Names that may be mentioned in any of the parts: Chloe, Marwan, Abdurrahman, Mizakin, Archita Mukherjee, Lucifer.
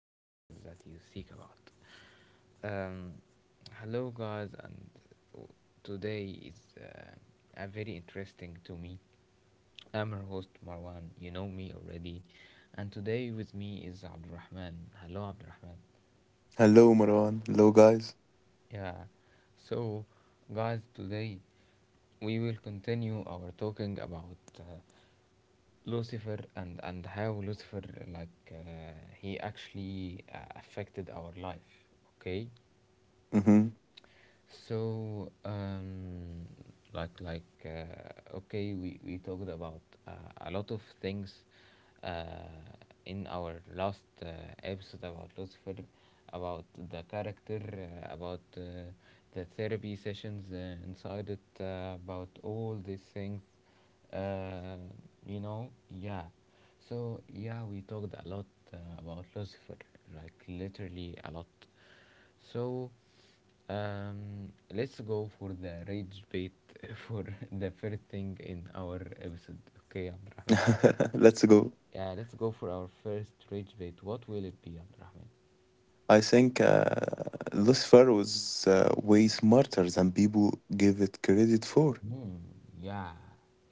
the answers that you seek about. Um, Hello, guys, and w- today is a very interesting to me. I'm your host Marwan, you know me already, and today with me is Abdurrahman. Hello, Abdurrahman. Hello, Marwan. Hello, guys. Yeah, so guys, today we will continue our talking about Lucifer, and how Lucifer like he actually affected our life. Okay, Hmm. so, we talked about uh, a lot of things uh, in our last episode about Lucifer, about the character, about the therapy sessions inside it, about all these things. Uh, you know, yeah. So, yeah, we talked a lot about Lucifer, like, literally a lot, so let's go for the rage bait for the first thing in our episode. Okay, Abdurrahman. Let's go. Yeah, let's go for our first rage bait. What will it be, Abdurrahman? I think Lucifer was way smarter than people give it credit for, Mm-hmm. Yeah,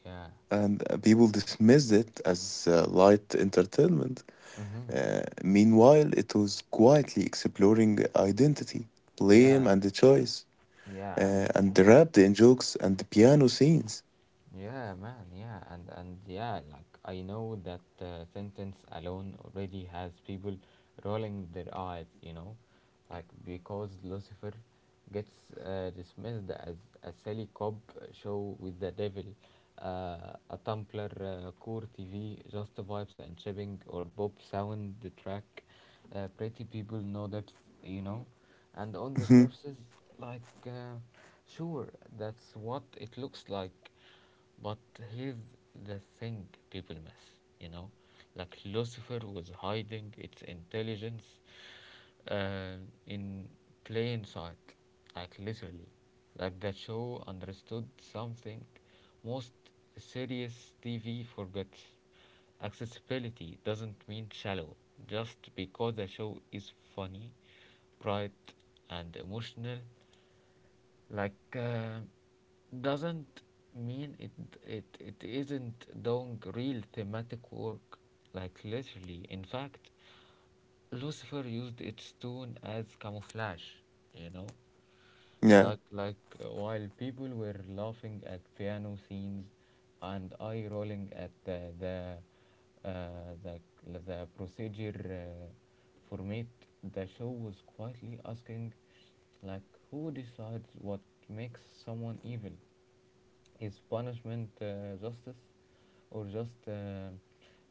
yeah. and people dismissed it as light entertainment. Mm-hmm. Meanwhile, it was quietly exploring identity, blame, Yeah, and the choice, yeah. And and wrapped in jokes and piano scenes. yeah, man, yeah, and yeah, like I know that sentence alone already has people rolling their eyes, you know, like because Lucifer gets dismissed as a silly cop show with the devil, a Tumblr core TV, just vibes and shipping or Bob sound the track, pretty people no depth, you know, and on the surface, like uh, sure, that's what it looks like, but here's the thing people miss, you know, like Lucifer was hiding its intelligence uh, in plain sight, like literally. Like that show understood something most serious TV forgets. Accessibility doesn't mean shallow. Just because a show is funny, bright, and emotional, like uh, doesn't mean it isn't doing real thematic work, like literally. In fact, Lucifer used its tune as camouflage, you know, Mhm. Yeah. While people were laughing at piano scenes and eye rolling at uh, the, the procedure format, the show was quietly asking, like, who decides what makes someone evil? Is punishment justice, or just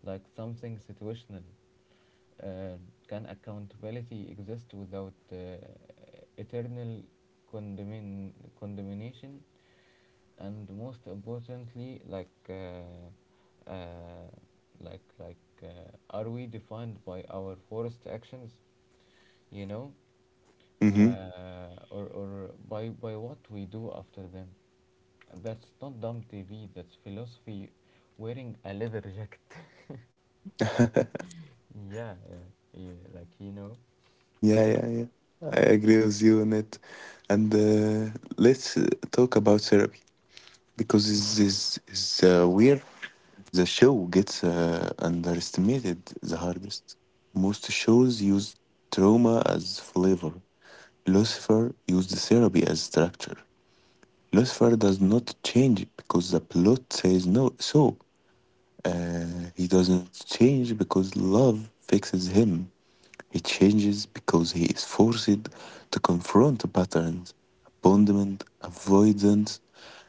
like something situational? Uh, can accountability exist without eternal condemn- condemnation? And most importantly, like, like, are we defined by our forest actions? You know, Mm-hmm. Or by what we do after them? That's not dumb TV. That's philosophy. Wearing a leather jacket. Yeah, yeah, yeah, like you know. Yeah, Hmm. yeah, yeah. I agree with you on it. And let's talk about therapy because this is where the show gets underestimated the hardest. Most shows use trauma as flavor. Lucifer used therapy as structure. Lucifer does not change because the plot says no so. Uh, He doesn't change because love fixes him. He changes because he is forced to confront patterns, abandonment, avoidance,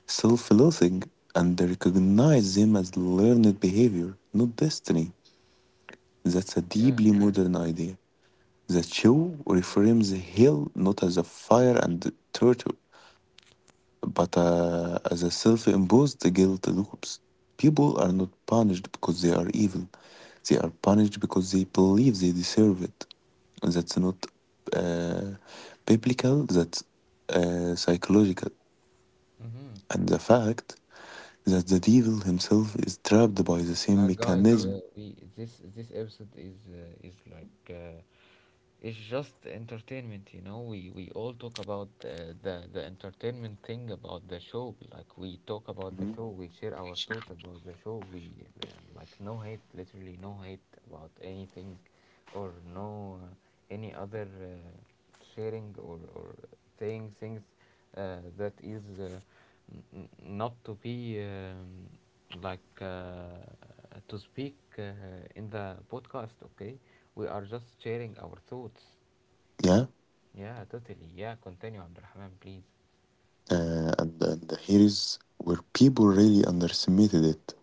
self loathing, and recognize them as learned behavior, not destiny. That's a Yeah. deeply modern idea. The show reframes hell not as a fire and torture, but as a self imposed guilt loops, people are not punished because they are evil. They are punished because they believe they deserve it. That's not uh, biblical, that's psychological. Mm-hmm. And the fact that the devil himself is trapped by the same Now, guys, mechanism. we, this episode is it's just entertainment, you know, we all talk about the entertainment thing about the show, like we talk about the Exactly. Mhm. show, we share our thoughts about the show, we uh, like, no hate, literally no hate about anything, or no any other sharing, or saying things that is n- not to be like uh, to speak in the podcast, okay? We are just sharing our thoughts. Yeah, Yeah, totally. Yeah, continue, Abdurrahman, please. and here is where people really underestimated it.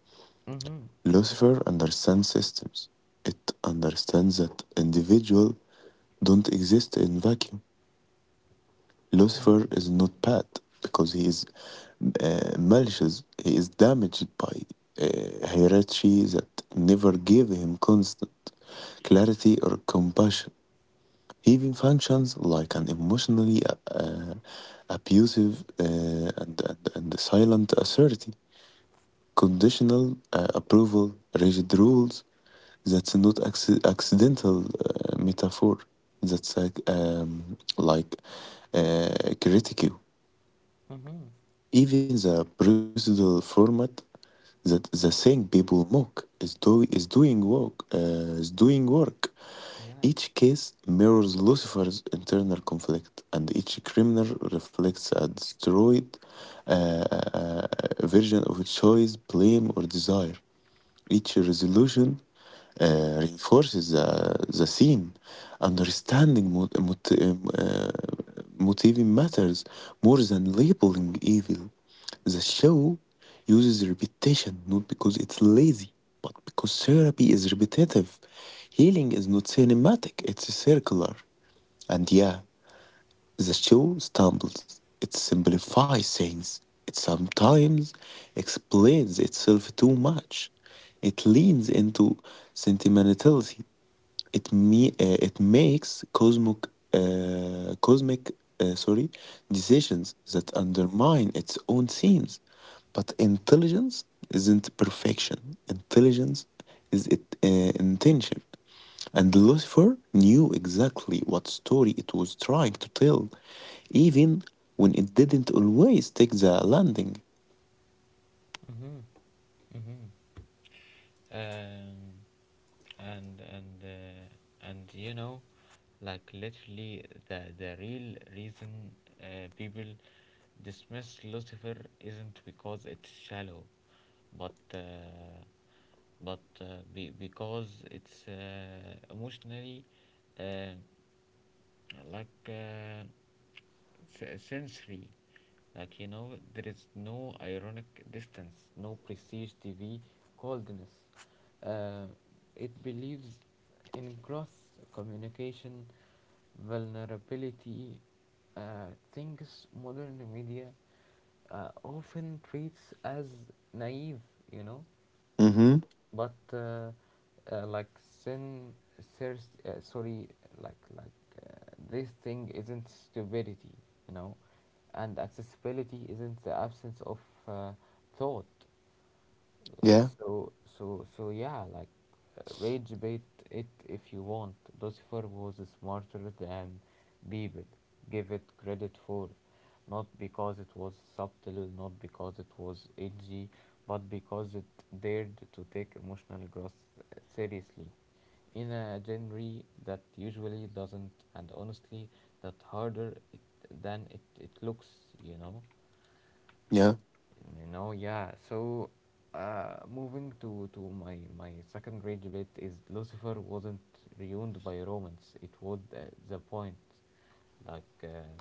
Mm-hmm. Lucifer understands systems, it understands that individual don't exist in vacuum. Lucifer Mm-hmm. is not bad because he is malicious. He is damaged by hierarchy that never gave him constant clarity or compassion. He even functions like an emotionally uh, abusive and silent authority conditional approval, rigid rules. That's not accidental metaphor. That's like uh, critical. Mm-hmm. Even the procedural format that the thing people mock is doing work. Yeah. Each case mirrors Lucifer's internal conflict, and each criminal reflects a destroyed uh, uh, uh, version of choice, blame, or desire. Each resolution reinforces the theme. Understanding motivating matters more than labeling evil. The show uses repetition not because it's lazy, but because therapy is repetitive. Healing is not cinematic, it's circular. And yeah, the show stumbles. It simplifies things. It sometimes explains itself too much. It leans into sentimentality it me uh, it makes cosmic cosmic sorry decisions that undermine its own themes. But intelligence isn't perfection. Intelligence is it intention. And Lucifer knew exactly what story it was trying to tell, even when it didn't always take the landing. Mm-hmm. Mm-hmm. Um, and and you know, like literally the real reason people dismiss Lucifer isn't because it's shallow, but uh, but uh, because it's emotionally. Uh, like uh, Sensory, like you know, there is no ironic distance, no prestige TV coldness, uh, it believes in gross communication, vulnerability, things modern media often treats as naive, you know, Mm-hmm. but like sin thirst, sorry like uh, this thing isn't stupidity, you know, and accessibility isn't the absence of uh, thought. like Yeah, so so so yeah, like rage bait, it, if you want, Lucifer was smarter than Bebel. Give it credit for not because it was subtle, not because it was edgy, but because it dared to take emotional growth seriously in a genre that usually doesn't, and honestly, that harder it, looks, you know. yeah, You know, yeah. So, moving to my my second rage bit is, Lucifer wasn't ruined by romance. It was the point. Like, uh,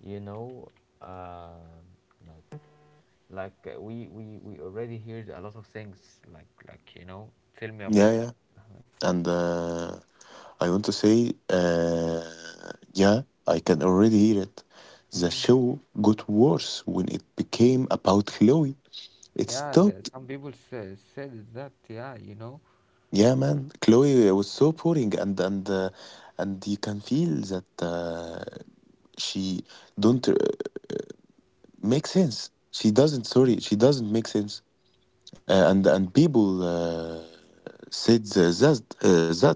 you know, uh, like we we already heard a lot of things. Like you know, tell me about yeah, it. yeah. And I want to say, yeah, I can already hear it. The Mm-hmm. show got worse when it became about Chloe. It Yeah, the, stopped. some people say, said that. Yeah, you know. Yeah, man, Chloe was so boring, and you can feel that she don't make sense. She doesn't. Mm-hmm. Sorry, she doesn't make sense. And people said the- that uh, that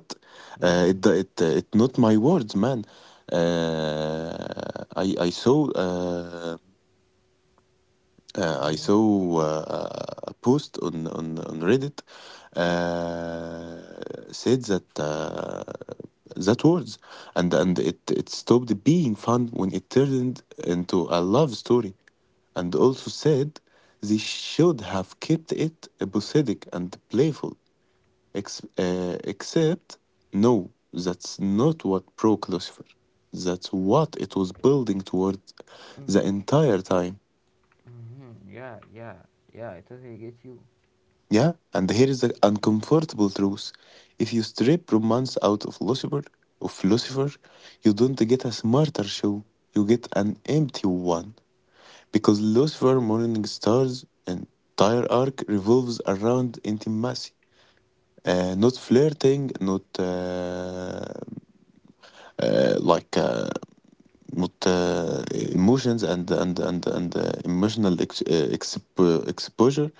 uh, it Mm-hmm. it uh, it not my words, man. I saw. I saw a post on on Reddit said that words and it stopped being fun when it turned into a love story, and also said they should have kept it episodic and playful. Except no, that's not what broke Lucifer. That's what it was building toward the Mm-hmm. entire time. Mm-hmm. Yeah, yeah, yeah. I totally get you. Yeah, and here is the uncomfortable truth. If you strip romance out of philosopher, of philosopher, you don't get a smarter show. You get an empty one. Because Lucifer, Morning Star's entire arc revolves around intimacy. Not flirting, uh, like uh, not emotions and emotional exposure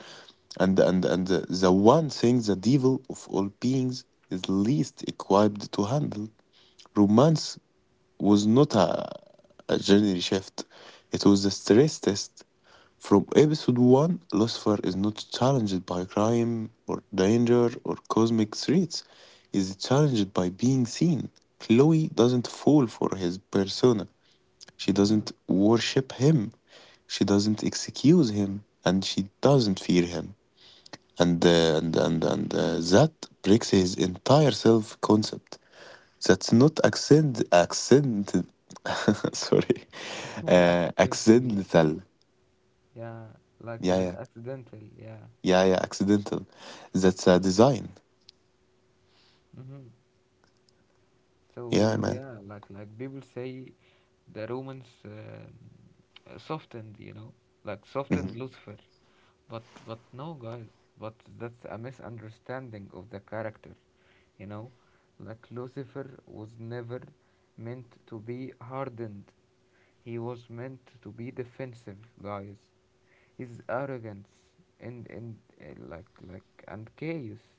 and the one thing the devil of all beings is least equipped to handle romance was not a genre shift. It was a stress test from episode 1. Lucifer is not challenged by crime or danger or cosmic threats. He is challenged by being seen. Chloe doesn't fall for his persona. She doesn't worship him. She doesn't excuse him, and she doesn't fear him. And that breaks his entire self concept. That's not accent. Sorry, Accidentally, accidental. yeah, Yeah, like yeah, accidental, yeah. yeah, yeah. Accidental. That's a design. Hmm. Yeah, So man. yeah, like people say the Romans softened, you know, like, Hmm. softened Lucifer. But no, guys. But that's a misunderstanding of the character. You know, like Lucifer was never meant to be hardened. He was meant to be defensive, guys. His arrogance and like and chaos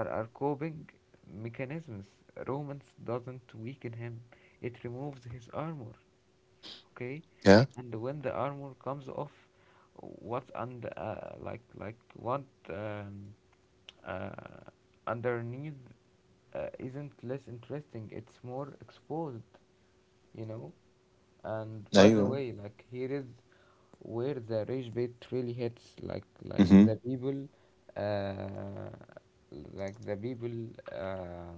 are coping mechanisms. Romance doesn't weaken him; it removes his armor, okay? Yeah. And when the armor comes off, what and like what um, uh, underneath isn't less interesting, it's more exposed, you know. And by the أيوة. way, like, here is where the rage bait really hits, Mm-hmm. Uh, like the people, uh,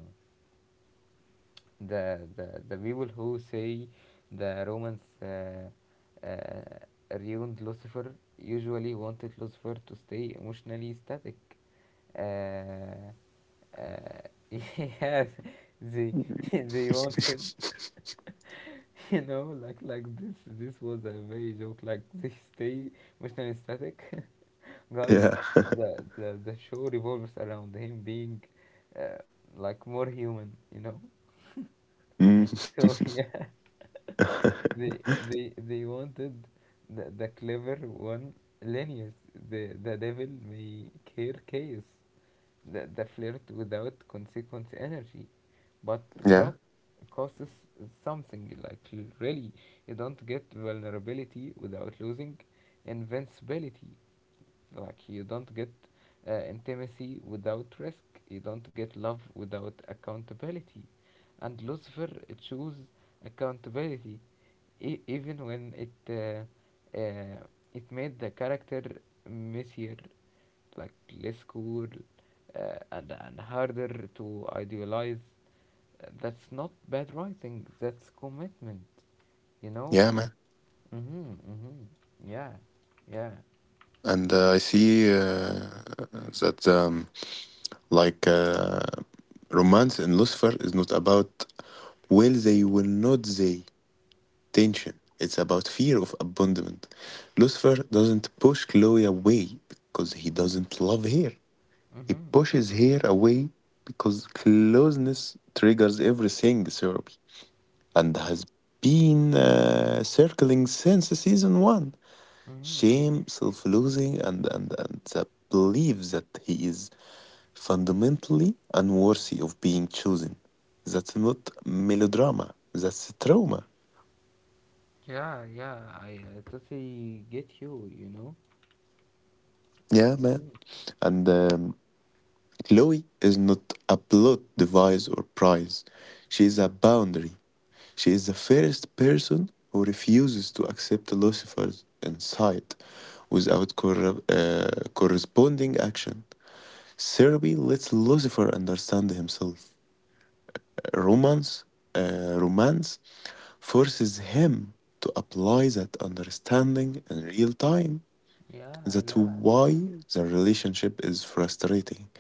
the people who say the Romans ruined Lucifer usually wanted Lucifer to stay emotionally static. Uh, uh, yes, they they wanted, you know, like this. This was a very joke. Like they stay emotionally static, guys. Yeah. The the show revolves around him being uh, like more human, you know. Mm. So yeah. They wanted the clever one Linus, the devil may care chaos, the flirt without consequence energy. But Yeah. growth causes something like really, you don't get vulnerability without losing invincibility. Like, you don't get intimacy without risk. You don't get love without accountability. And Lucifer chose accountability. Even when it it made the character messier, like less cool, and harder to idealize. That's not bad writing. That's commitment. You Yeah, know. man. Mhm. Mhm. Yeah. Yeah. And I see that like. Uh, Romance in Lucifer is not about will they, will not they tension. It's about fear of abandonment. Lucifer doesn't push Chloe away because he doesn't love her. He Mhm. pushes her away because closeness triggers everything therapy and has been circling since season one. Mhm. Mhm. Shame, self loathing, and the belief that he is fundamentally unworthy of being chosen. That's not melodrama, that's trauma. Yeah. Yeah. I totally get you. You know. Yeah, man. Mhm. And Chloe is not a plot device or prize. She is a boundary. She is the first person who refuses to accept Lucifer's insight without corresponding action. Therapy lets Lucifer understand himself. romance, romance forces him to apply that understanding in real time. Yeah. That's Yeah. why the relationship is frustrating.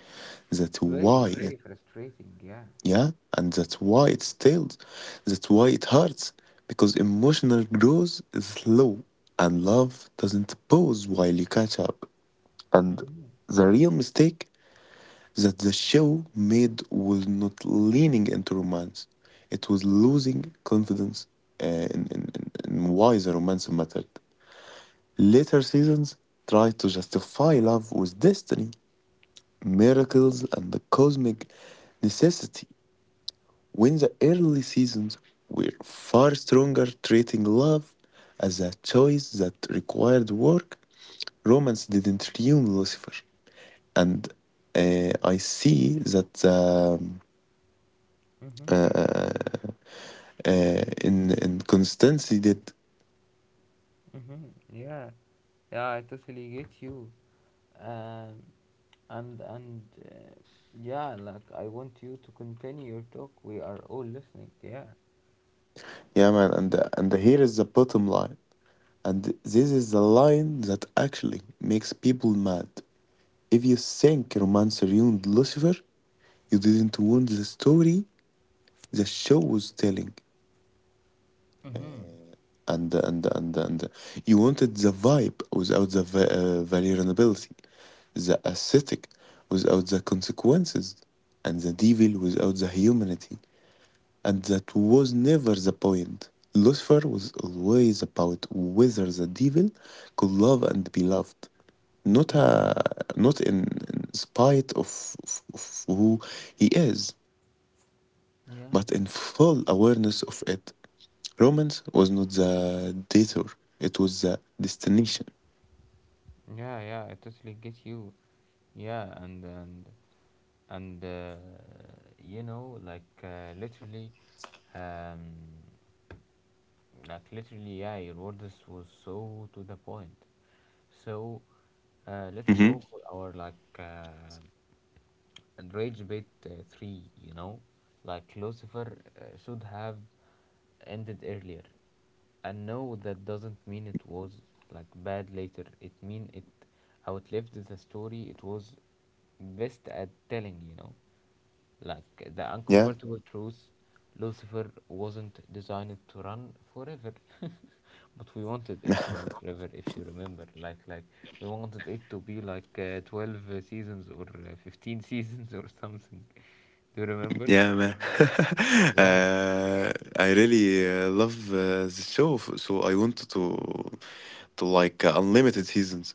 That's Very. why it, Very frustrating. Yeah. yeah, and that's why it stales. That's why it hurts because emotional growth is slow and love doesn't pause while you catch up. And Mhm. the real mistake that the show made was not leaning into romance. It was losing confidence uh, in why the romance mattered. Later seasons tried to justify love with destiny, miracles, and the cosmic necessity, when the early seasons were far stronger treating love as a choice that required work, romance didn't ruin Lucifer. And I see that Mhm. uh, in consistency, did. Mhm. Yeah. Yeah, I totally get you. Um, and yeah, like I want you to continue your talk. We are all listening. Yeah. Yeah, man, and here is the bottom line, and this is the line that actually makes people mad. If you think romance ruined Lucifer, you didn't want the story the show was telling, Mm-hmm. and you wanted the vibe without the vulnerability, the aesthetic without the consequences, and the devil without the humanity. And that was never the point. Lucifer was always about whether the devil could love and be loved, not Mm-hmm. uh, not in spite of who he is, but in full Yeah. awareness of it. Romance was not the detour; it was the destination. Yeah. Yeah. I totally get you. Yeah. And you know, um, like literally, yeah, your words was so to the point. So, Hmm. Let's go for our rage bait three. You know, like Lucifer should have ended earlier. And no, that doesn't mean it was like bad later. It mean it outlived the story it was best at telling. You know. Like the Yeah. uncomfortable truth, Lucifer wasn't designed to run forever, but we wanted it to run forever. If you remember, like we wanted it to be like 12 seasons or 15 seasons or something. Do you remember? Yeah, man. Yeah, uh, I really love the show, so I wanted to like unlimited seasons.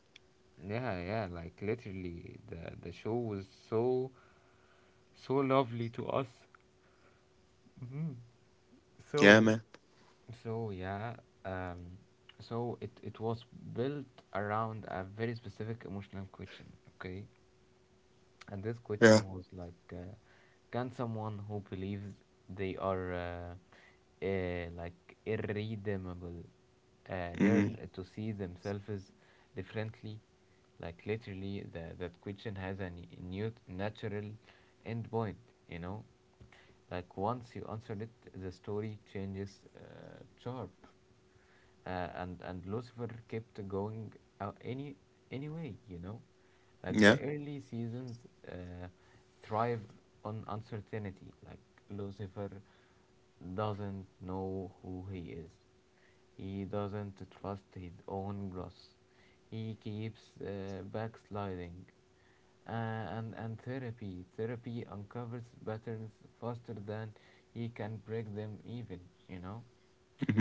yeah, yeah. Like literally, the show was so so lovely to us. Hmm. Yeah, So man. so yeah, um, so it was built around a very specific emotional question. Okay, and this question Yeah. was can someone who believes they are irredeemable learn Mhm. to see themselves differently? Like literally, the, that question has a new natural endpoint. You know, like once you answer it, the story changes sharp, and Lucifer kept going uh, any anyway, you know, like the Yeah. early seasons uh, thrive on uncertainty. Like Lucifer doesn't know who he is. He doesn't trust his own growth. He keeps backsliding. And therapy. Therapy uncovers patterns faster than he can break them even, you know?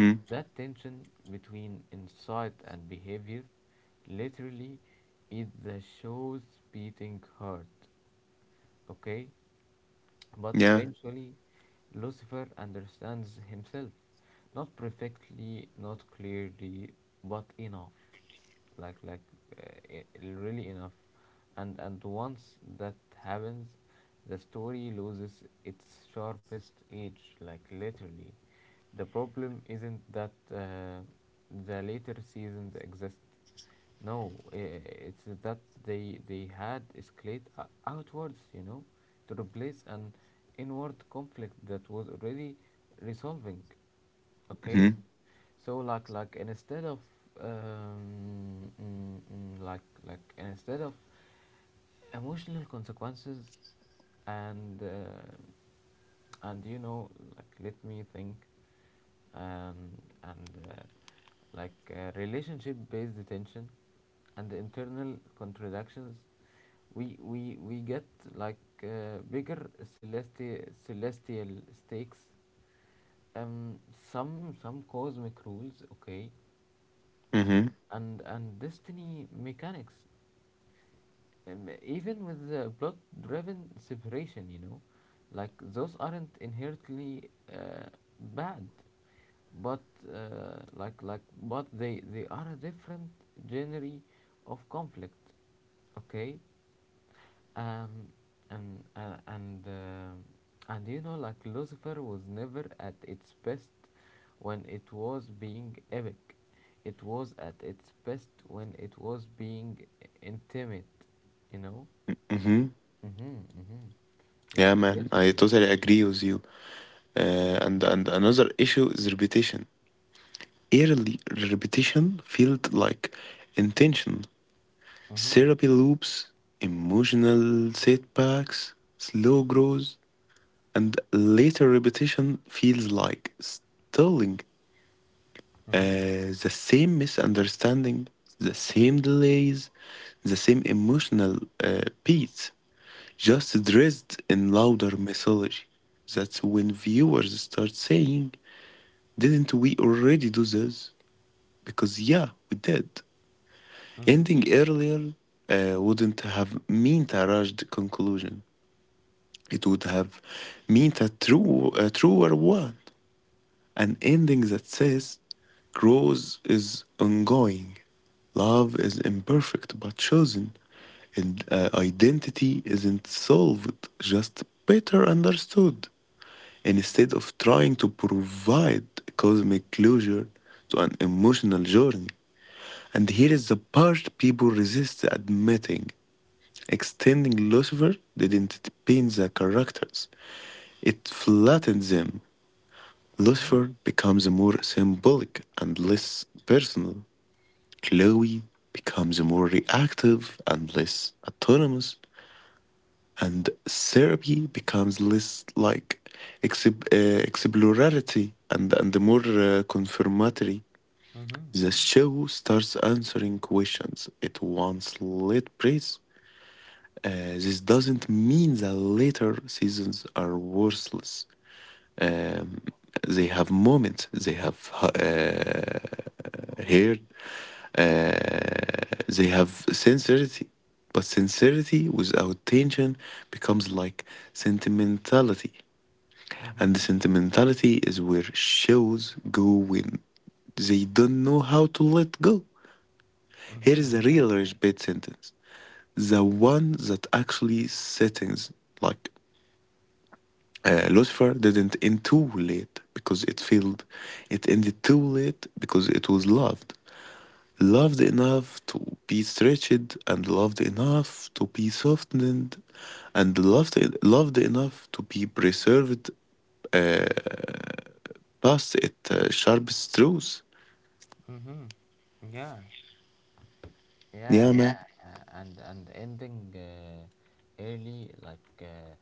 Mhm. That tension between insight and behavior literally is the show's beating heart, okay? But Yeah. eventually, Lucifer understands himself. Not perfectly, not clearly, but enough. Like, like, uh, i- Really enough. And once that happens, the story loses its sharpest edge, like literally. The problem isn't that the later seasons exist. No, it's that they had escalate outwards, you know, to replace an inward conflict that was already resolving. Okay, Mhm. so instead of instead of emotional consequences and uh, and you know like let me think um, and like relationship based attention and the internal contradictions we get like bigger celestial celestial stakes, um some cosmic rules, okay, Mhm. And destiny mechanics, even with the plot driven separation, you know, like those aren't inherently bad, but like but they are a different genre of conflict, okay? Um, and you know, like Lucifer was never at its best when it was being epic. It was at its best when it was being intimate, you know. Mhm. Mm-hmm, mm-hmm. Like Yeah, man. literally. I totally agree with you. And another issue is repetition. Early repetition felt like intention. Mm-hmm, Therapy loops, emotional setbacks, slow growth, and later repetition feels like stalling. mm-hmm. The same misunderstanding, the same delays, the same emotional beats, just dressed in louder mythology. That's when viewers start saying, didn't we already do this? Because, yeah, we did. Mm-hmm. Ending earlier wouldn't have meant a rushed conclusion. It would have meant a truer one. An ending that says, growth is ongoing, love is imperfect but chosen, and identity isn't solved, just better understood. Instead of trying to provide cosmic closure to an emotional journey. And here is the part people resist admitting. Extending Lucifer didn't paint the characters, it flattened them. Mm-hmm. Lucifer becomes more symbolic and less personal. Chloe becomes more reactive and less autonomous. And therapy becomes less like exploratory and more confirmatory. Mm-hmm. The show starts answering questions it once let praise. This doesn't mean that later seasons are worthless. Um, they have moments, Here, uh, they have sincerity, but sincerity without tension becomes like sentimentality, Mm-hmm. and the sentimentality is where shows go when they don't know how to let go. Here Mm-hmm. is a Yeah. real rich bit sentence, the one that actually settings like. Lucifer didn't end too late because it failed. It ended too late because it was loved. Loved enough to be stretched and loved enough to be softened and loved enough to be preserved past its sharpest truth. Mm-hmm. Yeah. Yeah, yeah, Yeah, yeah, man. And ending early, like uh,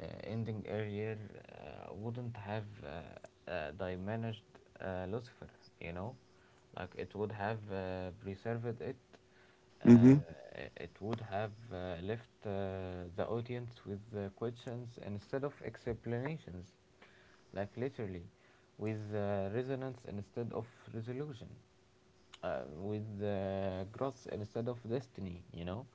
uh, ending earlier, wouldn't have diminished Lucifer, you know, like it would have preserved it. Uh, Mm-hmm. it would have left the audience with questions instead of explanations, like literally, with resonance instead of resolution with growth instead of destiny, you know.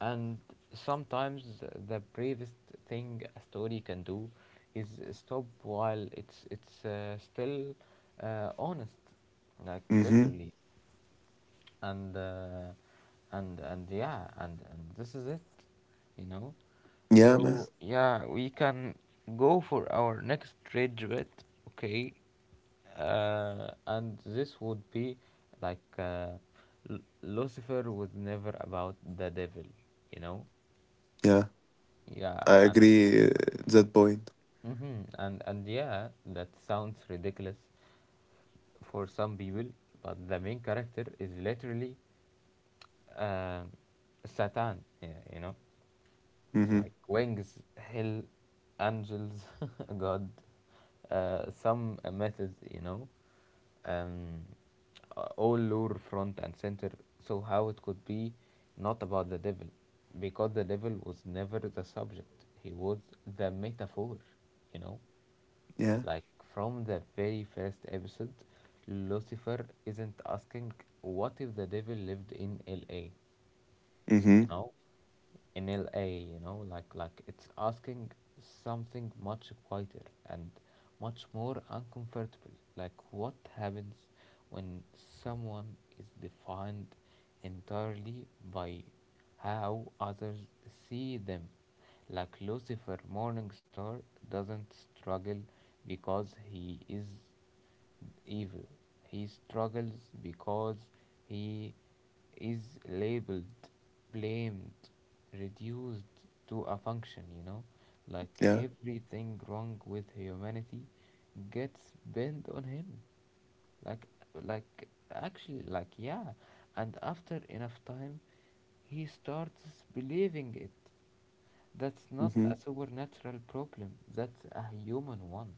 And sometimes the bravest thing a story can do is stop while it's still honest, like Mm-hmm. literally and uh, and yeah, and this is it you know Yeah, man. so yeah, we can go for our next rage bit. Okay, and this would be like Lucifer was never about the devil, you know. Yeah, Yeah, I and agree that point. Yeah, that sounds ridiculous for some people, but the main character is literally um Satan. Yeah, you know. Mm-hmm. Like wings, hell, angels, God, some methods, you know, um, all lure front and center. So how it could be not about the devil, because the devil was never the subject; he was the metaphor, you know, Yeah. like from the very first episode, Lucifer isn't asking what if the devil lived in L.A, you Mm-hmm. know, in L. A., you know, like it's asking something much quieter and much more uncomfortable. Like what happens when someone is defined entirely by how others see them? Like Lucifer Morningstar doesn't struggle because he is evil. He struggles because he is labeled, blamed, reduced to a function, you know? Like Yeah. everything wrong with humanity gets bent on him. Like, like, Actually, like, yeah. And after enough time, he starts believing it. That's not Mm-hmm. a supernatural problem, that's a human one.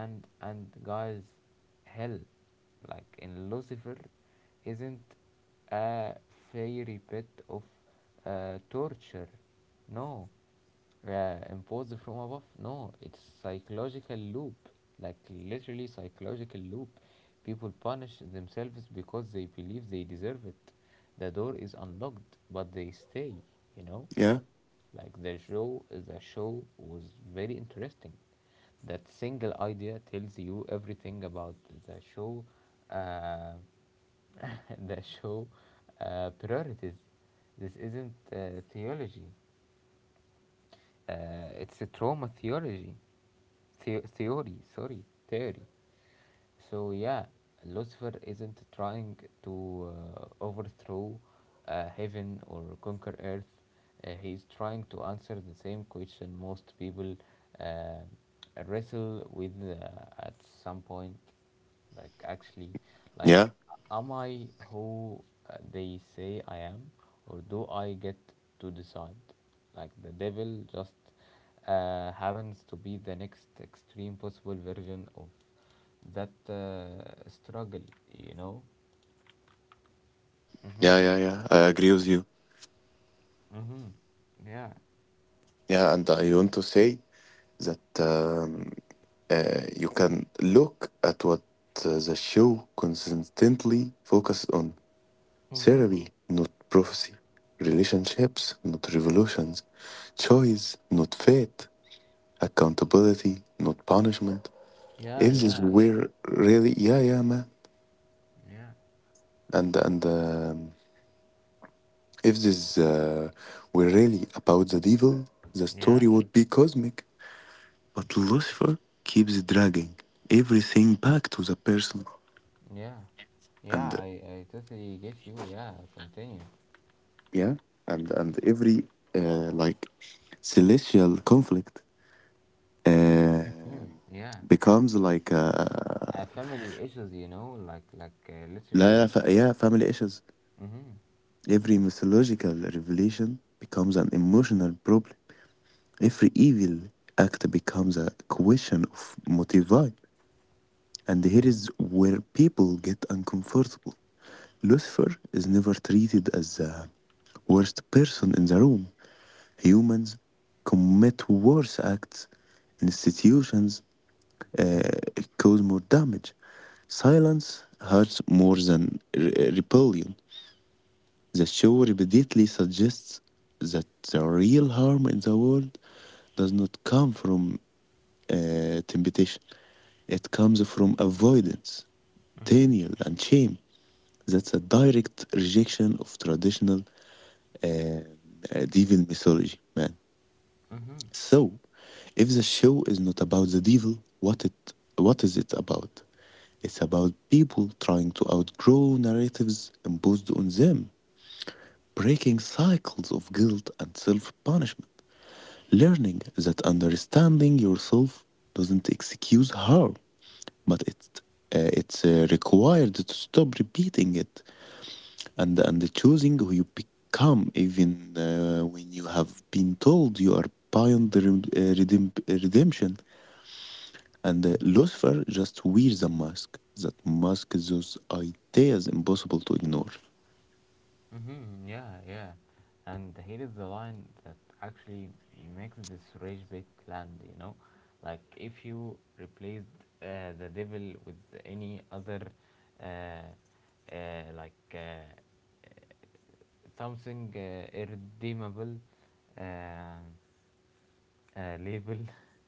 And guys, hell, like in Lucifer, isn't a fairy pit of torture, no, imposed from above, no, it's psychological loop, like literally psychological loop. People punish themselves because they believe they deserve it. The door is unlocked but they stay, you know. Yeah. Like the show was very interesting. That single idea tells you everything about the show, uh, the show priorities. This isn't theology. It's a trauma theology, theory. Sorry, theory. So yeah, Lucifer isn't trying to overthrow heaven or conquer earth. He's trying to answer the same question most people wrestle with at some point. Like actually, Yeah. like am I who they say I am, or do I get to decide? Like the devil just happens to be the next extreme possible version of that struggle, you know? Mm-hmm. Yeah. Yeah. Yeah. I agree with you. Mm-hmm. Yeah. Yeah, and I want to say that. You can look at what the show consistently focuses on Mm-hmm. therapy, not prophecy, relationships, not revolutions, choice, not fate, accountability, not punishment. Yeah, If this yeah, were really, yeah, yeah, man, yeah. And if this were really about the devil, the Yeah. story would be cosmic. But Lucifer keeps dragging everything back to the person. Yeah, yeah, and I totally get you. Yeah, continue. yeah and and every like celestial conflict uh, Mm-hmm. Yeah. becomes like Family issues, you know, like literally. Yeah, family issues. Mm-hmm. Every mythological revelation becomes an emotional problem. Every evil act becomes a question of motivi. And here Mm-hmm. is where people get uncomfortable. Lucifer is never treated as the worst person in the room. Humans commit worse acts. Institutions uh, cause more damage. Silence hurts more than rebellion. The show repeatedly suggests that the real harm in the world does not come from temptation, it comes from avoidance, Mm-hmm. denial, and shame. That's a direct rejection of traditional devil mythology, man. Mm-hmm. So, if the show is not about the devil, what is it about? It's about people trying to outgrow narratives imposed on them, breaking cycles of guilt and self punishment, learning that understanding yourself doesn't excuse harm, but it's required to stop repeating it and choosing who you become, even when you have been told you are beyond the redemption. And Mm-hmm. Lucifer just wears a mask that masks those ideas impossible to ignore. Mm-hmm, yeah, yeah. And here is the line that actually makes this rage bit land, you know? Like, if you replaced the devil with any other, uh, uh, like, uh, something irredeemable, uh, label,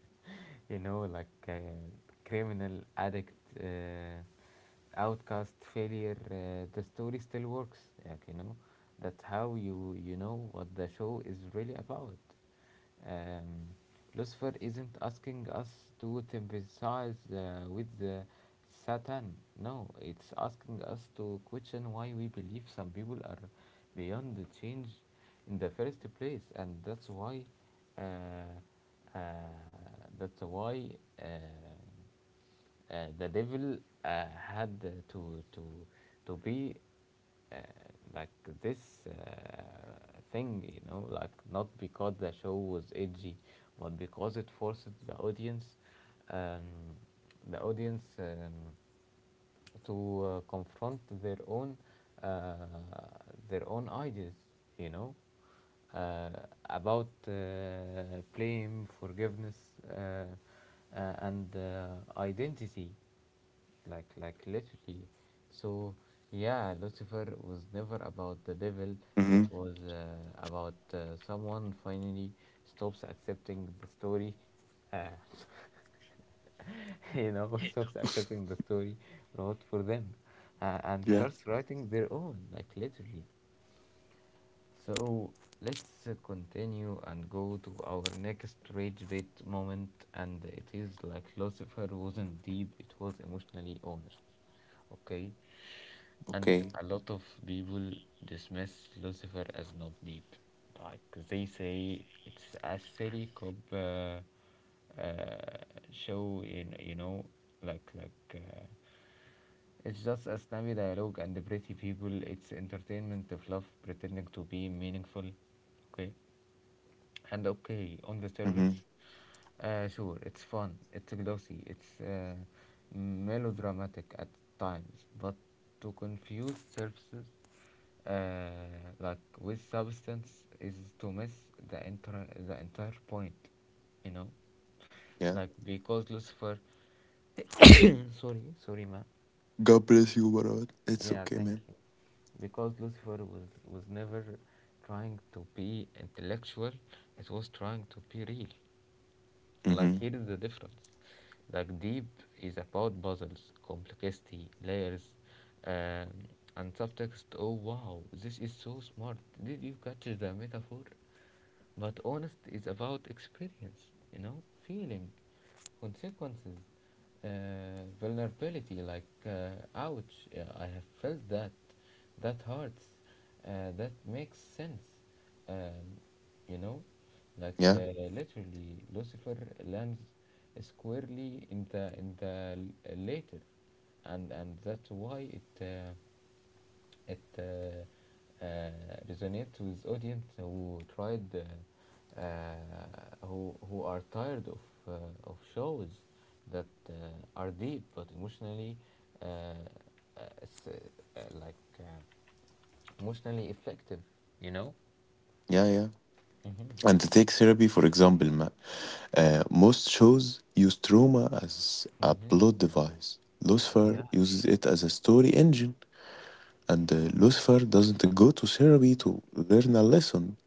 you know, like criminal, addict, uh, outcast, failure. The story still works, like, you know. That's how you you know what the show is really about. Um, Lucifer isn't asking us to sympathize with the Satan. No, it's asking us to question why we believe some people are beyond the change in the first place, and that's why uh, uh, that's why uh, the devil uh, had to be uh, like this thing, you know, like not because the show was edgy, but because it forced um, the audience to confront uh, their own ideas, you know, uh, about blame, forgiveness, uh, and identity, like literally. So yeah, Lucifer was never about the devil, Mm-hmm. it was about someone finally stops accepting the story uh, you know, stops accepting the story wrote for them and Yeah. starts writing their own, like literally. So let's continue and go to our next rage bait moment, and it is like Lucifer wasn't deep; it was emotionally honest. Okay, and Okay. a lot of people dismiss Lucifer as not deep. Like they say, it's a silly cop uh, show. In you know, like. It's just a snappy dialogue and the pretty people. It's entertainment of love pretending to be meaningful. Okay. And okay, on the service, Mm-hmm. Sure, it's fun, it's glossy, it's melodramatic at times, but to confuse services like with substance is to miss the entire point, you know, Yeah. like because Lucifer, sorry, sorry, ma. God bless you, Marwan. It's Yeah, okay, thank man. you. Because Lucifer was never trying to be intellectual, it was trying to be real. Like, Mm-hmm. here is the difference. Like, deep is about puzzles, complexity, layers, um, and subtext. Oh, wow, this is so smart. Did you catch the metaphor? But honest is about experience, you know, feeling, consequences, vulnerability, like ouch, yeah, I have felt that, that hurts, that makes sense, um, you know, like Yeah. literally Lucifer lands squarely in the later, and that's why it resonates with audience who tried who are tired uh, of shows that are deep but emotionally uh, uh, uh, like uh, emotionally effective, you know. Yeah, yeah. Mm-hmm. And to take therapy, for example, most shows use trauma as a Mm-hmm. plot device. Yeah. Lucifer uses it as a story engine, and Mm-hmm. Lucifer doesn't go to therapy to learn a lesson.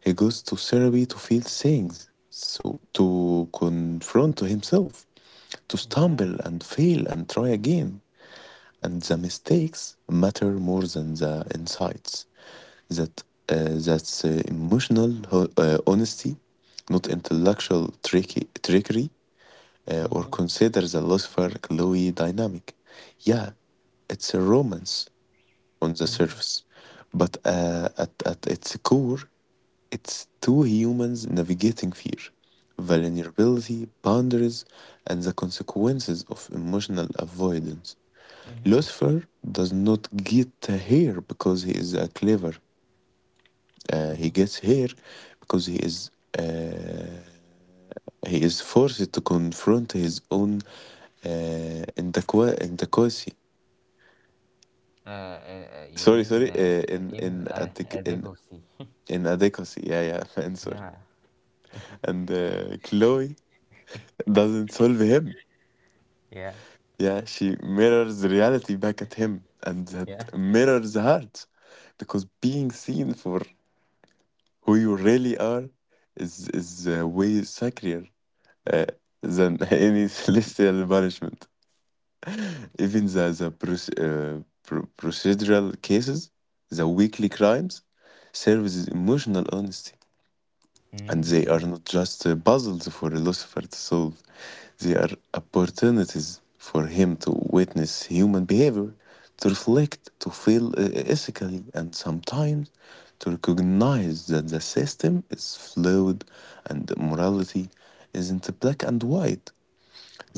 He goes to therapy to feel things, so to confront to himself, to Yeah. stumble and fail and try again. And the mistakes matter more than the insights. That's emotional honesty, not intellectual trickery, or Mm-hmm. consider the Lucifer Chloe dynamic. Yeah, it's a romance on the Mm-hmm. surface, but at its core, it's two humans navigating fear, vulnerability, boundaries, and the consequences of emotional avoidance. Mm-hmm. Lucifer does not get here because he is clever. He Mm-hmm. gets here because uh, he is forced to confront his own uh, inadequacy. You Sorry, mean sorry. In In adequ- in adequacy. inadequacy. Yeah, yeah. And sorry. Yeah, And Chloe doesn't solve him. yeah, Yeah, she mirrors reality back at him, and that yeah. mirrors hers, because being seen for who you really are is way sacred uh, than any celestial punishment. Even the procedural cases, the weekly crimes, serves as emotional honesty. And they are Mm. not just puzzles for a philosopher to solve, they are opportunities for him to witness human behavior, to reflect, to feel ethically, and sometimes to recognize that the system is flawed and morality isn't black and white.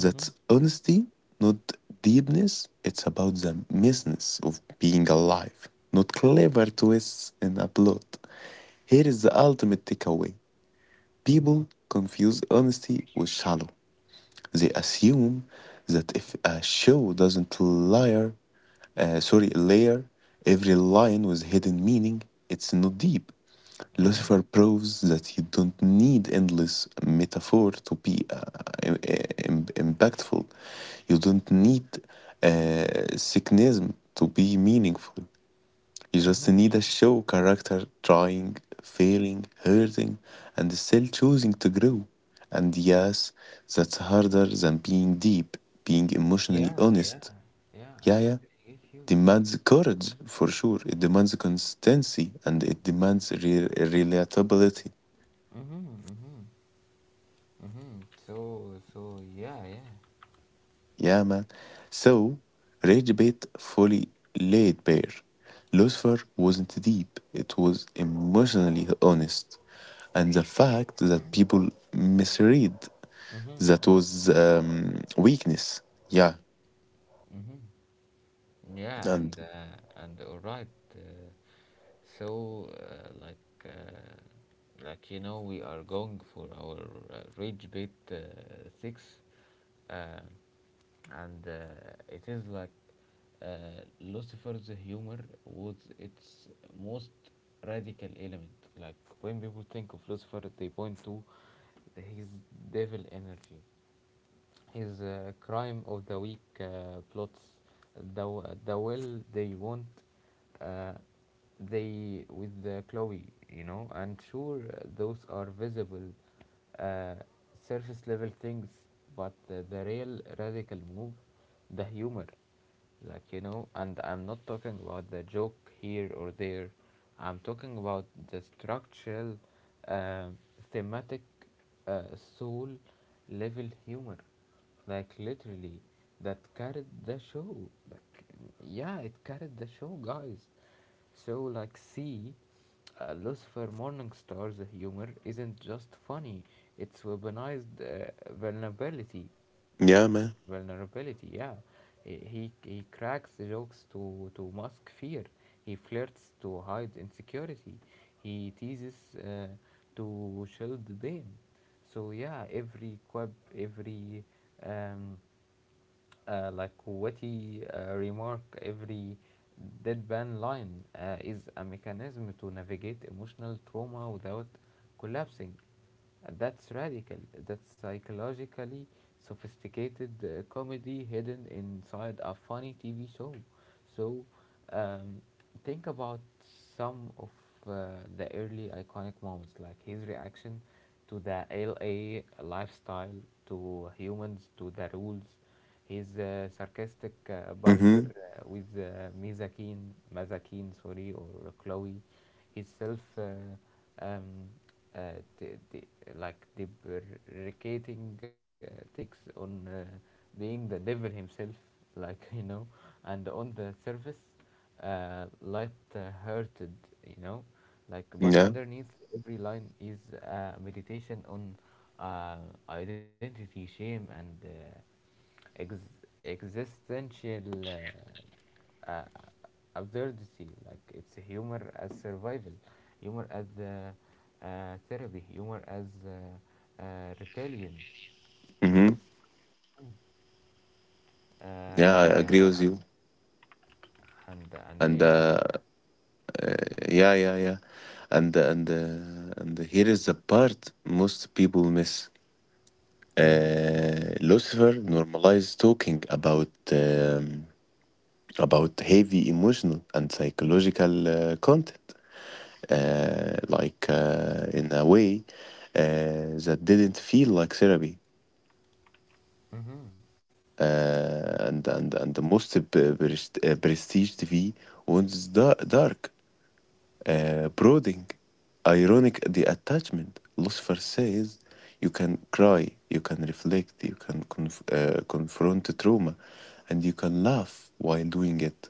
Mm-hmm, honesty, not deepness. It's about the messiness of being alive, not clever twists in a plot. Here is the ultimate takeaway. mm-hmm, People confuse honesty with shallow. They assume that if a show doesn't layer, layer every line with hidden meaning, it's not deep. mm-hmm, Lucifer proves that you don't need endless metaphor to be im- impactful. You don't need cynicism to be meaningful. You mm-hmm. just need a show character trying, failing, hurting, and still choosing to grow. And yes, that's harder than being deep, being emotionally Yeah, yeah, honest. yeah. I Yeah, yeah. totally get you. Demands courage for sure. It demands consistency and it demands relatability. Mm-hmm, mm-hmm, mm-hmm. So, so yeah, yeah. Yeah, man. So, Rage Bait fully laid bare. Lucifer wasn't deep, it was emotionally honest. And the fact that people misread that Mm-hmm, was weakness. Yeah. mm-hmm. Yeah, And and all right. Uh, so, like you know, we are going for our Rage Bit six. Um and it is like Lucifer's humor was its most radical element. Like when people think of Lucifer, they point to his devil energy, his crime of the week plots, the the will they want uh, they with the Chloe, you know, and sure those are visible uh, surface level things, but the real radical move, the humor, like you know, and I'm not talking about the joke here or there, I'm talking about the structural uh, thematic uh, soul level humor, like literally, that carried the show, like yeah, it carried the show guys. So like see, Lucifer Morningstar's humor isn't just funny, it's weaponized vulnerability yeah, man. vulnerability. Yeah, he cracks jokes to mask fear. He flirts to hide insecurity. He teases to shield blame. So yeah, every quip, every um, witty remark, every deadpan line is a mechanism to navigate emotional trauma without collapsing. And that's radical. That's psychologically sophisticated comedy hidden inside a funny TV show. So, um, think about some of uh, the early iconic moments, like his reaction to the LA lifestyle, to humans, to the rules. His sarcastic banter Mm-hmm. With Mizakin, Mazakin, sorry, or Chloe itself, um, uh, the, the, like deprecating takes on being the devil himself, like you know, and on the surface, light-hearted, you know, like, but Yeah. underneath every line is a meditation on uh, identity, shame, and existential uh, absurdity, like it's humor as survival, humor as therapy, humor as rebellion, Mm-hmm. Yeah, uh, I agree with and, you. and And yeah. Yeah, yeah, yeah. And here is the part most people miss. Mm-hmm. Lucifer normalized talking about heavy emotional and psychological content, in a way that didn't feel like therapy. Mm-hmm. And the most prestige TV was dark. Brooding, ironic the attachment. Lucifer says, you can cry, you can reflect, you can confront trauma, and you can laugh while doing it.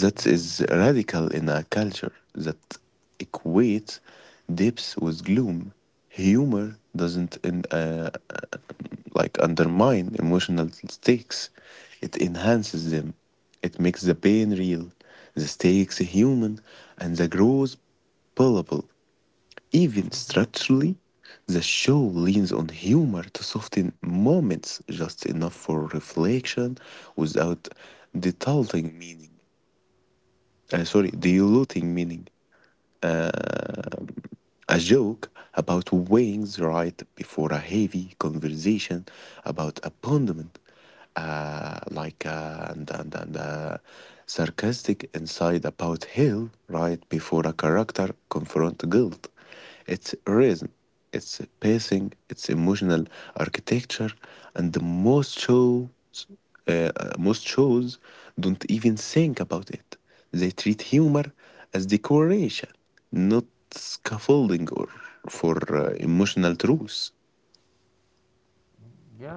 That is Mhm, radical in a culture that equates depth with gloom. Humor doesn't in, like undermine emotional stakes; it enhances them. It makes the pain real, the stakes human, and the growth palpable. Even mhm, structurally, the show leans on humor to soften moments just enough for reflection without diluting meaning. Uh, sorry, mhm, diluting meaning. mhm, A joke about weighing the right before a heavy conversation about abandonment, like and sarcastic inside about hell right before a character confront guilt. It's rhythm, it's pacing, it's emotional architecture, and the most shows don't even think about it. They treat humor as decoration, not scaffolding or for mhm. emotional truth.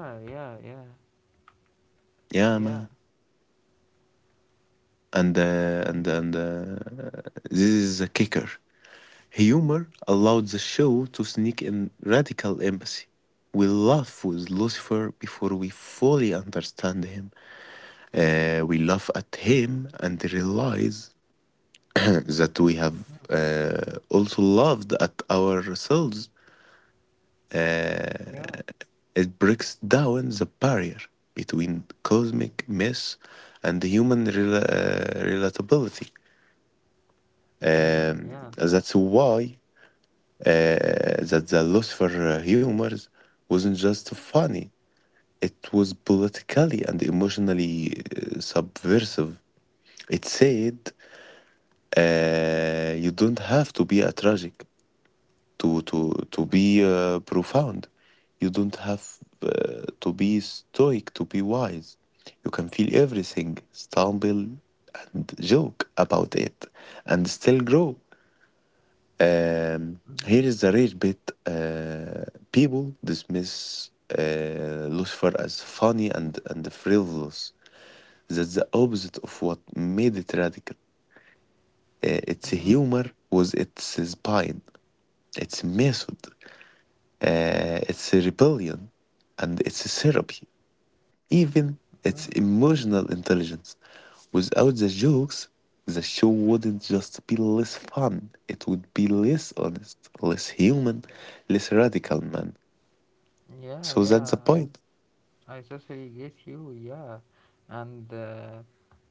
Yeah, yeah, yeah, Yeah, yeah. man. Mhm, And this is a kicker. Humor allowed the show to sneak in radical empathy. We laugh with Lucifer before we fully understand him. We laugh at him and realize that we have mhm, also loved at ourselves, yeah, it breaks down the barrier between cosmic myths and human relatability. mhm, Um, yeah, that's why uh, that the Lucifer humors wasn't just funny; it was politically and emotionally subversive. It said, "You don't have to be a tragic to be mhm, profound, you don't have to be stoic to be wise, you can feel everything stumble and joke about it and still grow. um, Here is mhm, the rare bit. People dismiss Lucifer as funny and frivolous, that's the opposite of what made it radical. Its mhm, humor was its spine, its method. It's a rebellion and it's a therapy. Even it's mhm. emotional intelligence. Without the jokes, the show wouldn't just be less fun, it would be less honest, less human, less radical, man. So Yeah, that's the yeah. point. I totally get you, yeah, and uh,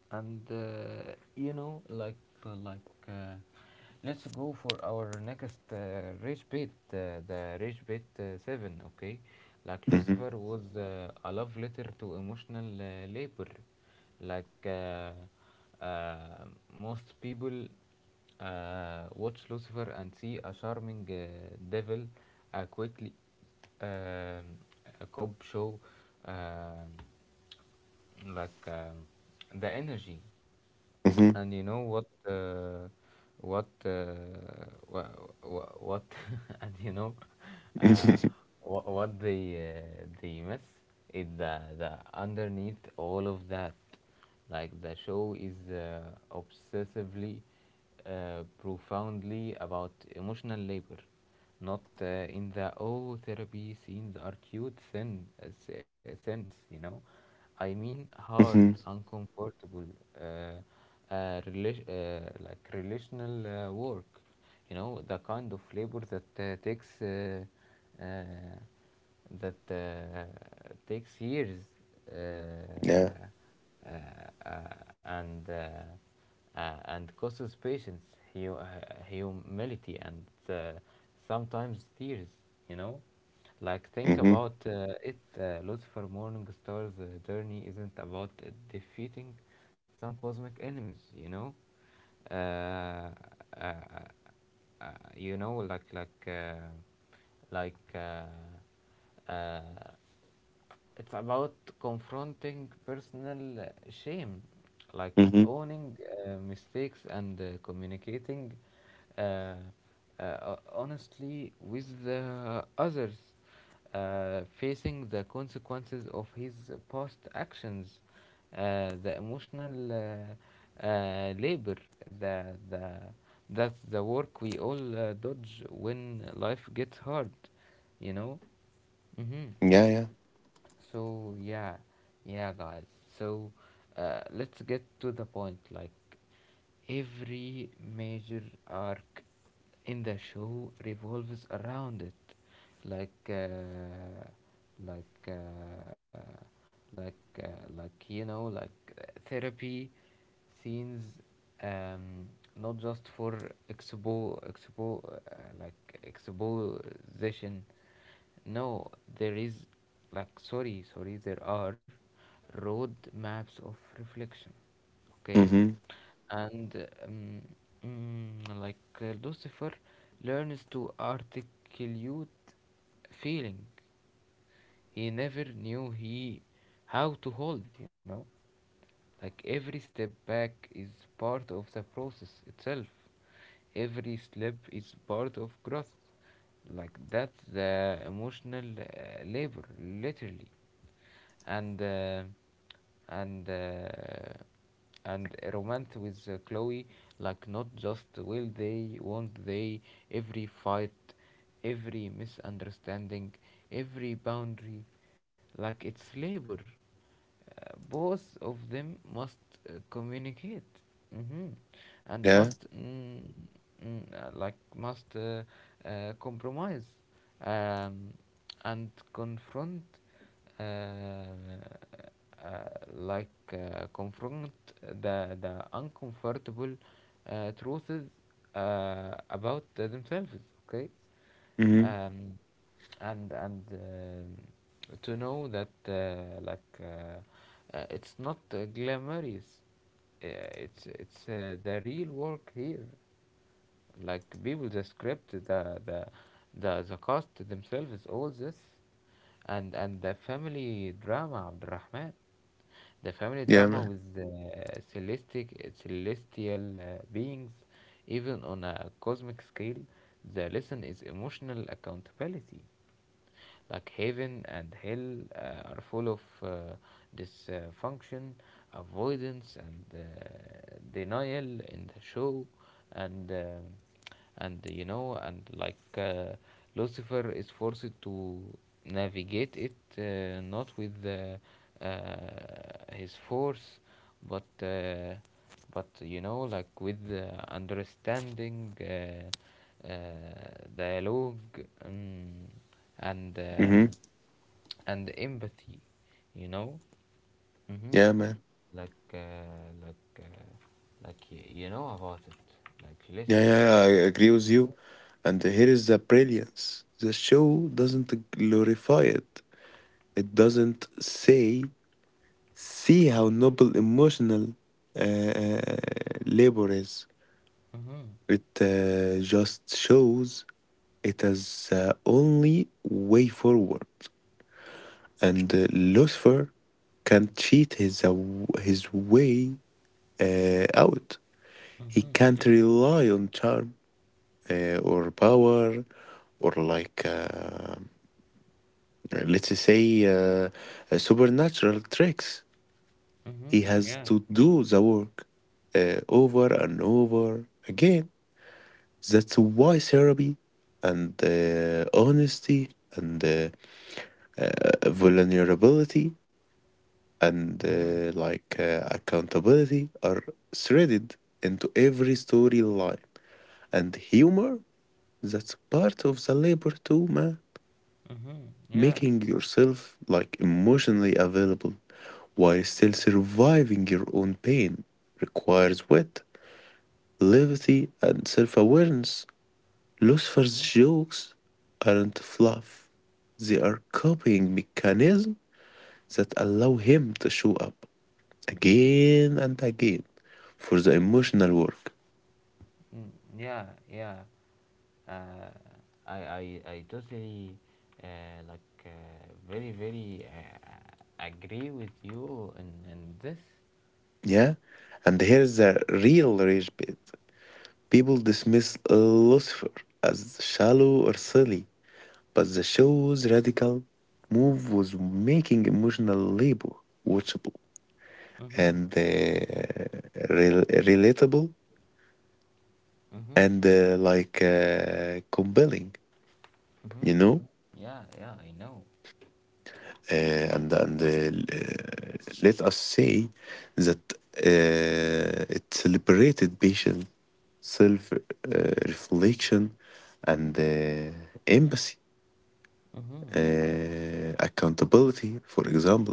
and you know, like let's go for our next rage bit, the rage bit seven, okay? Like Mm-hmm. Lucifer was a love letter to emotional labor, like uh, most people watch Lucifer and see a charming devil, a quickly um a cop show, um like um the energy. Mm-hmm. And you know what, what, uh, wha wha- what, and you know, uh, what they miss is the underneath all of that, like the show is obsessively, profoundly about emotional labor, not in the oh therapy scenes are cute sense, you know. I mean hard, Hmm. uncomfortable, uh, relational work, you know, the kind of labor that uh, takes years uh, Yeah. uh, uh, and uh, and causes patience, hu- uh, humility, and uh, sometimes tears. You know, like think Mm-hmm. about it. Lucifer Morningstar's journey isn't about defeating some cosmic enemies. You know. Uh, uh, uh, uh, you know, like uh, it's about confronting personal shame, like Mm-hmm. owning mistakes and communicating uh, uh, honestly with the others, facing the consequences of his past actions, the emotional labor, the, the, that's the work we all dodge when life gets hard, you know? Mm-hmm. Yeah, yeah. So yeah, yeah, guys. So let's get to the point. Like every major arc in the show revolves around it, like uh, like uh, like uh, like you know like therapy scenes, um, not just for expo expo uh, like exposition. No, there is, like, there are road maps of reflection, okay? Mm-hmm. And um, mm, like Lucifer learns to articulate feeling he never knew he how to hold. Like every step back is part of the process itself, every slip is part of growth. Like that's the emotional labor, literally. And uh, and uh, and a romance with Chloe. Like not just will they, won't they? Every fight, every misunderstanding, every boundary, like it's labor. Both of them must communicate hmm and Yeah. must mm, uh, like must uh, compromise, um, and confront, uh, uh, confront the uncomfortable truths about themselves, okay. Mm-hmm. Um, and and um to know that it's not glamorous, uh, it's the real work here. Like people, the script, the cast themselves, all this, and the family drama, Abd Rahman, the family Yeah, man. drama with the celestic celestial beings. Even on a cosmic scale, the lesson is emotional accountability. Like heaven and hell are full of dysfunction, avoidance, and denial in the show. And uh, and you know, and like Lucifer is forced to navigate it not with his force, but with understanding. Uh, Dialogue. Um, and um, Mm-hmm. and empathy, you know. Mm-hmm. Yeah, man. Like, uh, like, uh, you know about it. Like Yeah, yeah, literally. yeah, I agree with you. Mm-hmm. And here is the brilliance. The show doesn't glorify it. It doesn't say, see how noble emotional uh, uh, labor is. Mm-hmm. It just shows it as the only way forward. And Lucifer can't cheat his way out. He Mm-hmm. can't Yeah. rely on charm or power or like let's say supernatural tricks. He Mm-hmm. has Yeah. to do the work over and over again. That's why therapy and honesty and vulnerability and Mm-hmm. Accountability are threaded into every storyline, and humor, that's part of the labor too, man. Mm-hmm. Yeah. Making yourself like emotionally available while still surviving your own pain requires wit, levity, and self awareness. Lucifer's Mm-hmm. jokes aren't fluff, they are coping mechanisms that allow him to show up again and again for the emotional work. Mm. Yeah. Yeah. Uh, I totally uh, very very agree with you in this. Yeah? And here's the real rage bit, people dismiss Lucifer as shallow or silly, but the show's radical move was making emotional labor watchable Mm-hmm. and relatable Mm-hmm. and compelling, you know? Mm-hmm. Yeah, yeah, I know. And let us say that it celebrated patient self reflection and empathy, Mm-hmm. Accountability, for example,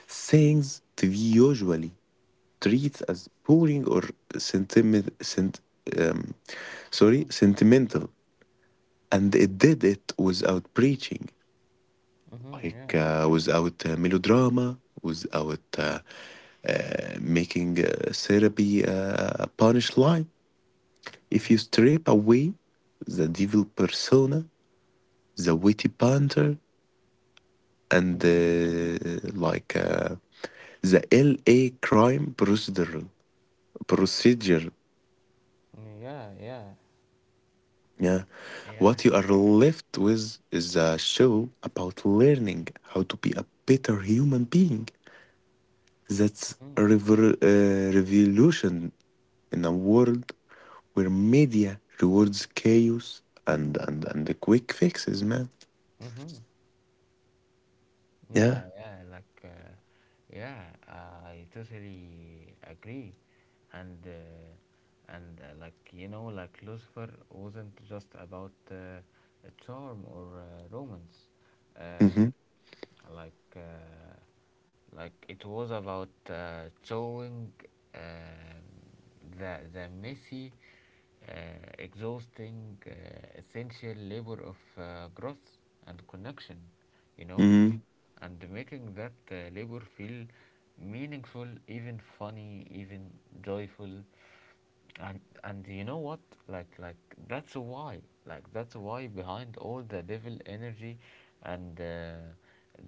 things to be usually treats as boring or sentiment, sent, um, Mm-hmm. sentimental. And it did it without preaching, Mm-hmm. Yeah. Without melodrama, without making therapy a punchline. If you Mm-hmm. strip away the devil persona, the witty banter, and Mm-hmm. The LA crime procedure, Yeah. Yeah. yeah. What Yeah. you are left with is a show about learning how to be a better human being. That's a Mm-hmm. Revolution in a world where media rewards chaos and, and the quick fixes, man. Mm-hmm. Yeah. Yeah. Yeah. Yeah. I totally agree, and Lucifer wasn't just about a charm or romance. Mm-hmm. Uh, like uh, it was about showing um the messy, uh, exhausting, essential labor of growth and connection, you know, Mm-hmm. and making that labor feel meaningful, even funny, even joyful. And you know what like That's why, that's why behind all the devil energy and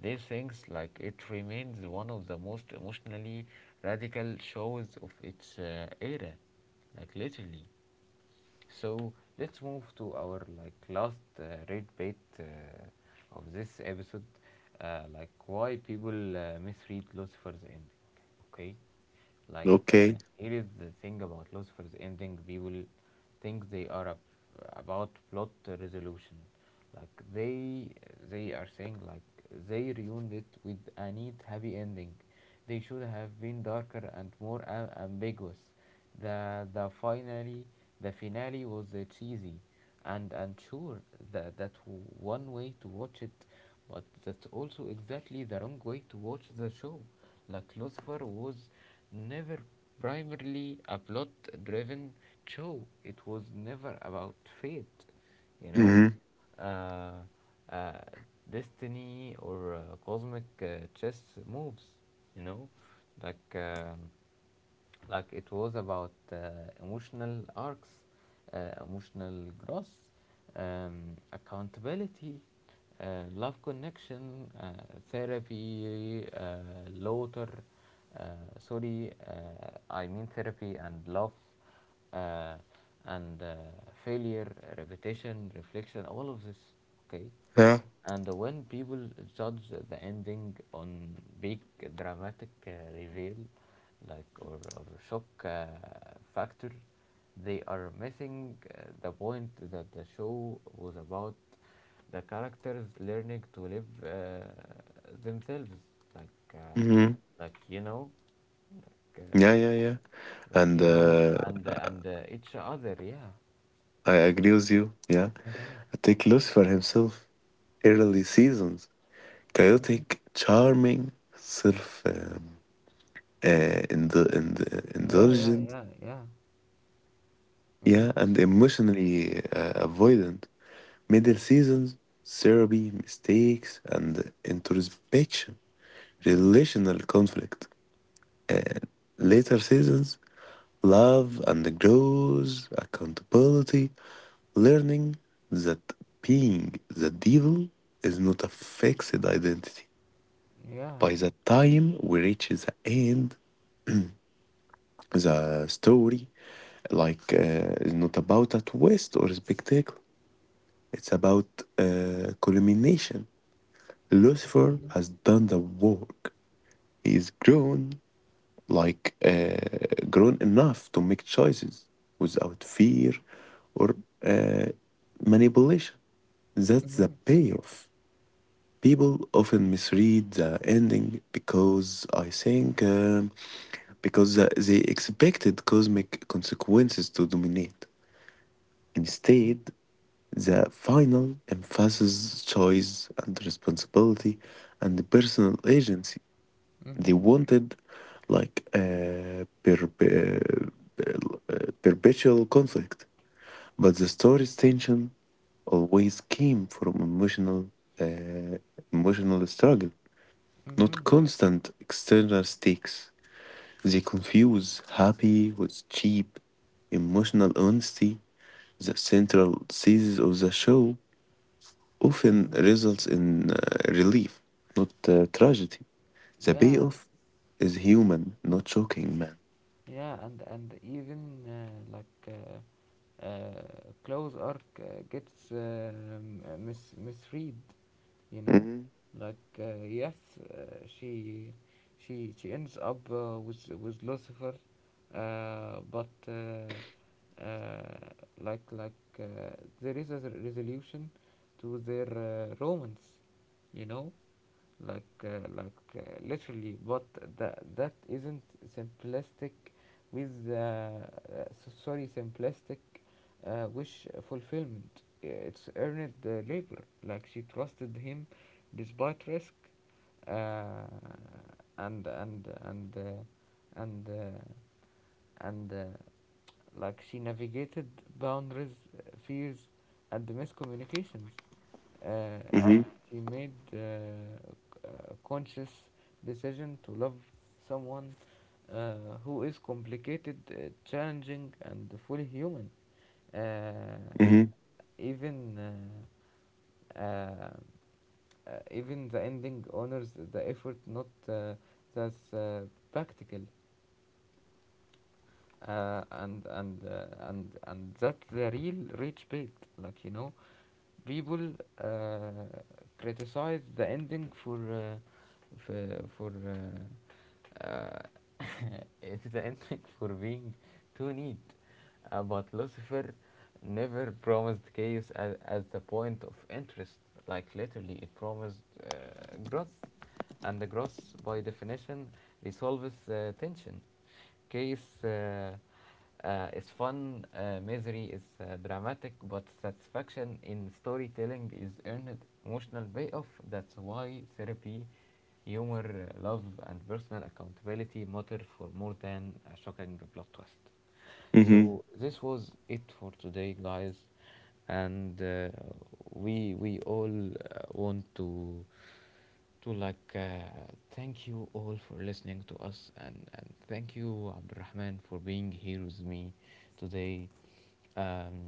these things, like it remains one of the most emotionally radical shows of its era, like literally. So let's move to our like last red bait of this episode, like why people misread Lucifer's ending. Okay, Okay. Here is the thing about Lucifer's ending: people think they are about plot resolution. Like they are saying like they ruined it with a neat happy ending. They should have been darker and more ambiguous. The the finally the finale was cheesy, and sure, that one way to watch it, but that's also exactly the wrong way to watch the show. Like Lucifer was never primarily a plot-driven show. It was never about fate, you know, Mm-hmm. uh, uh, destiny or cosmic chess moves, you know. like um, it was about emotional arcs, emotional growth, accountability, love, connection, therapy, laughter. Uh, Sorry, I mean therapy and love uh, and failure, repetition, reflection, all of this. Okay. Yeah. And when people judge the ending on big dramatic reveal, or shock factor, they are missing the point that the show was about. The characters learning to live themselves, like uh, Mm-hmm. like you know, uh, Yeah, yeah, yeah. And like you know, and each other, yeah. I agree with you. Yeah. Mm-hmm. Take loss for himself. Early seasons. Chaotic, charming, self. Yeah, yeah, Indulgent, yeah, yeah. yeah, Mm-hmm. and emotionally avoidant. Middle seasons, therapy, mistakes, and introspection, relational conflict. Later seasons, love and growth, accountability, learning that being the devil is not a fixed identity. Yeah. By the time we reach the end, the story, is not about a twist or spectacle. It's about culmination. Lucifer Mm-hmm. has done the work. He is grown, grown enough to make choices without fear or uh, manipulation. That's the Mm-hmm. payoff. People often misread the ending because I think because they expected cosmic consequences to dominate. Instead, Mm-hmm. the final emphasizes choice and responsibility and personal agency. They Mm-hmm. wanted a perpetual conflict, but the story's tension always came from uh, emotional struggle, not Mm-hmm. constant external stakes. They confuse happy with cheap emotional honesty, the central thesis of the show often results in relief, not tragedy. The Yeah. payoff is human, not shocking, man. Yeah, and even close arc gets misread, you know. Mm-hmm. Like yes, uh, she she ends up with Lucifer, but uh, like like uh, there is a resolution to their romance, you know, like uh, like uh, literally. But that that isn't simplistic with sorry, simplistic wish fulfillment. It's earned labor. Like she trusted him despite risk, uh, and and and uh, and uh, and like she navigated boundaries, fears, and miscommunications. uh, Mm-hmm. She made a conscious decision to love someone uh, who is complicated, challenging, and fully human. Uh, Mm-hmm. even uh, uh, Even the ending honors the effort, not that's practical. And that's the real rich bait, like you know. People uh, criticize the ending for for uh, it's the ending for being too neat. But Lucifer never promised chaos as the point of interest. Like literally, it promised growth, and the growth, by definition, resolves tension. Chaos, it's fun. Misery is dramatic, but satisfaction in storytelling is earned emotional payoff. That's why therapy, humor, love, and personal accountability matter for more than a shocking plot twist. Mm-hmm. So this was it for today, guys. And uh, we we all want to to like uh, thank you all for listening to us, and thank you, Abdurrahman, for being here with me today, um,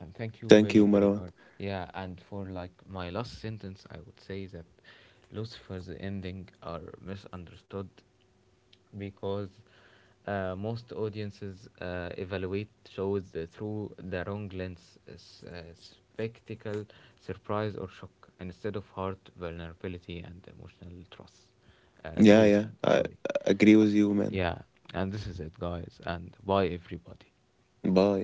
and thank you Thank you, very Marwan. very hard. Yeah, and for like my last sentence, I would say that Lucifer's ending are misunderstood because most audiences evaluate shows through the wrong lens: spectacle, surprise, or shock, instead of heart, vulnerability, and emotional trust. Yeah, yeah. Truth, I sorry. agree with you, man. Yeah, and this is it, guys, and bye, everybody. Bye.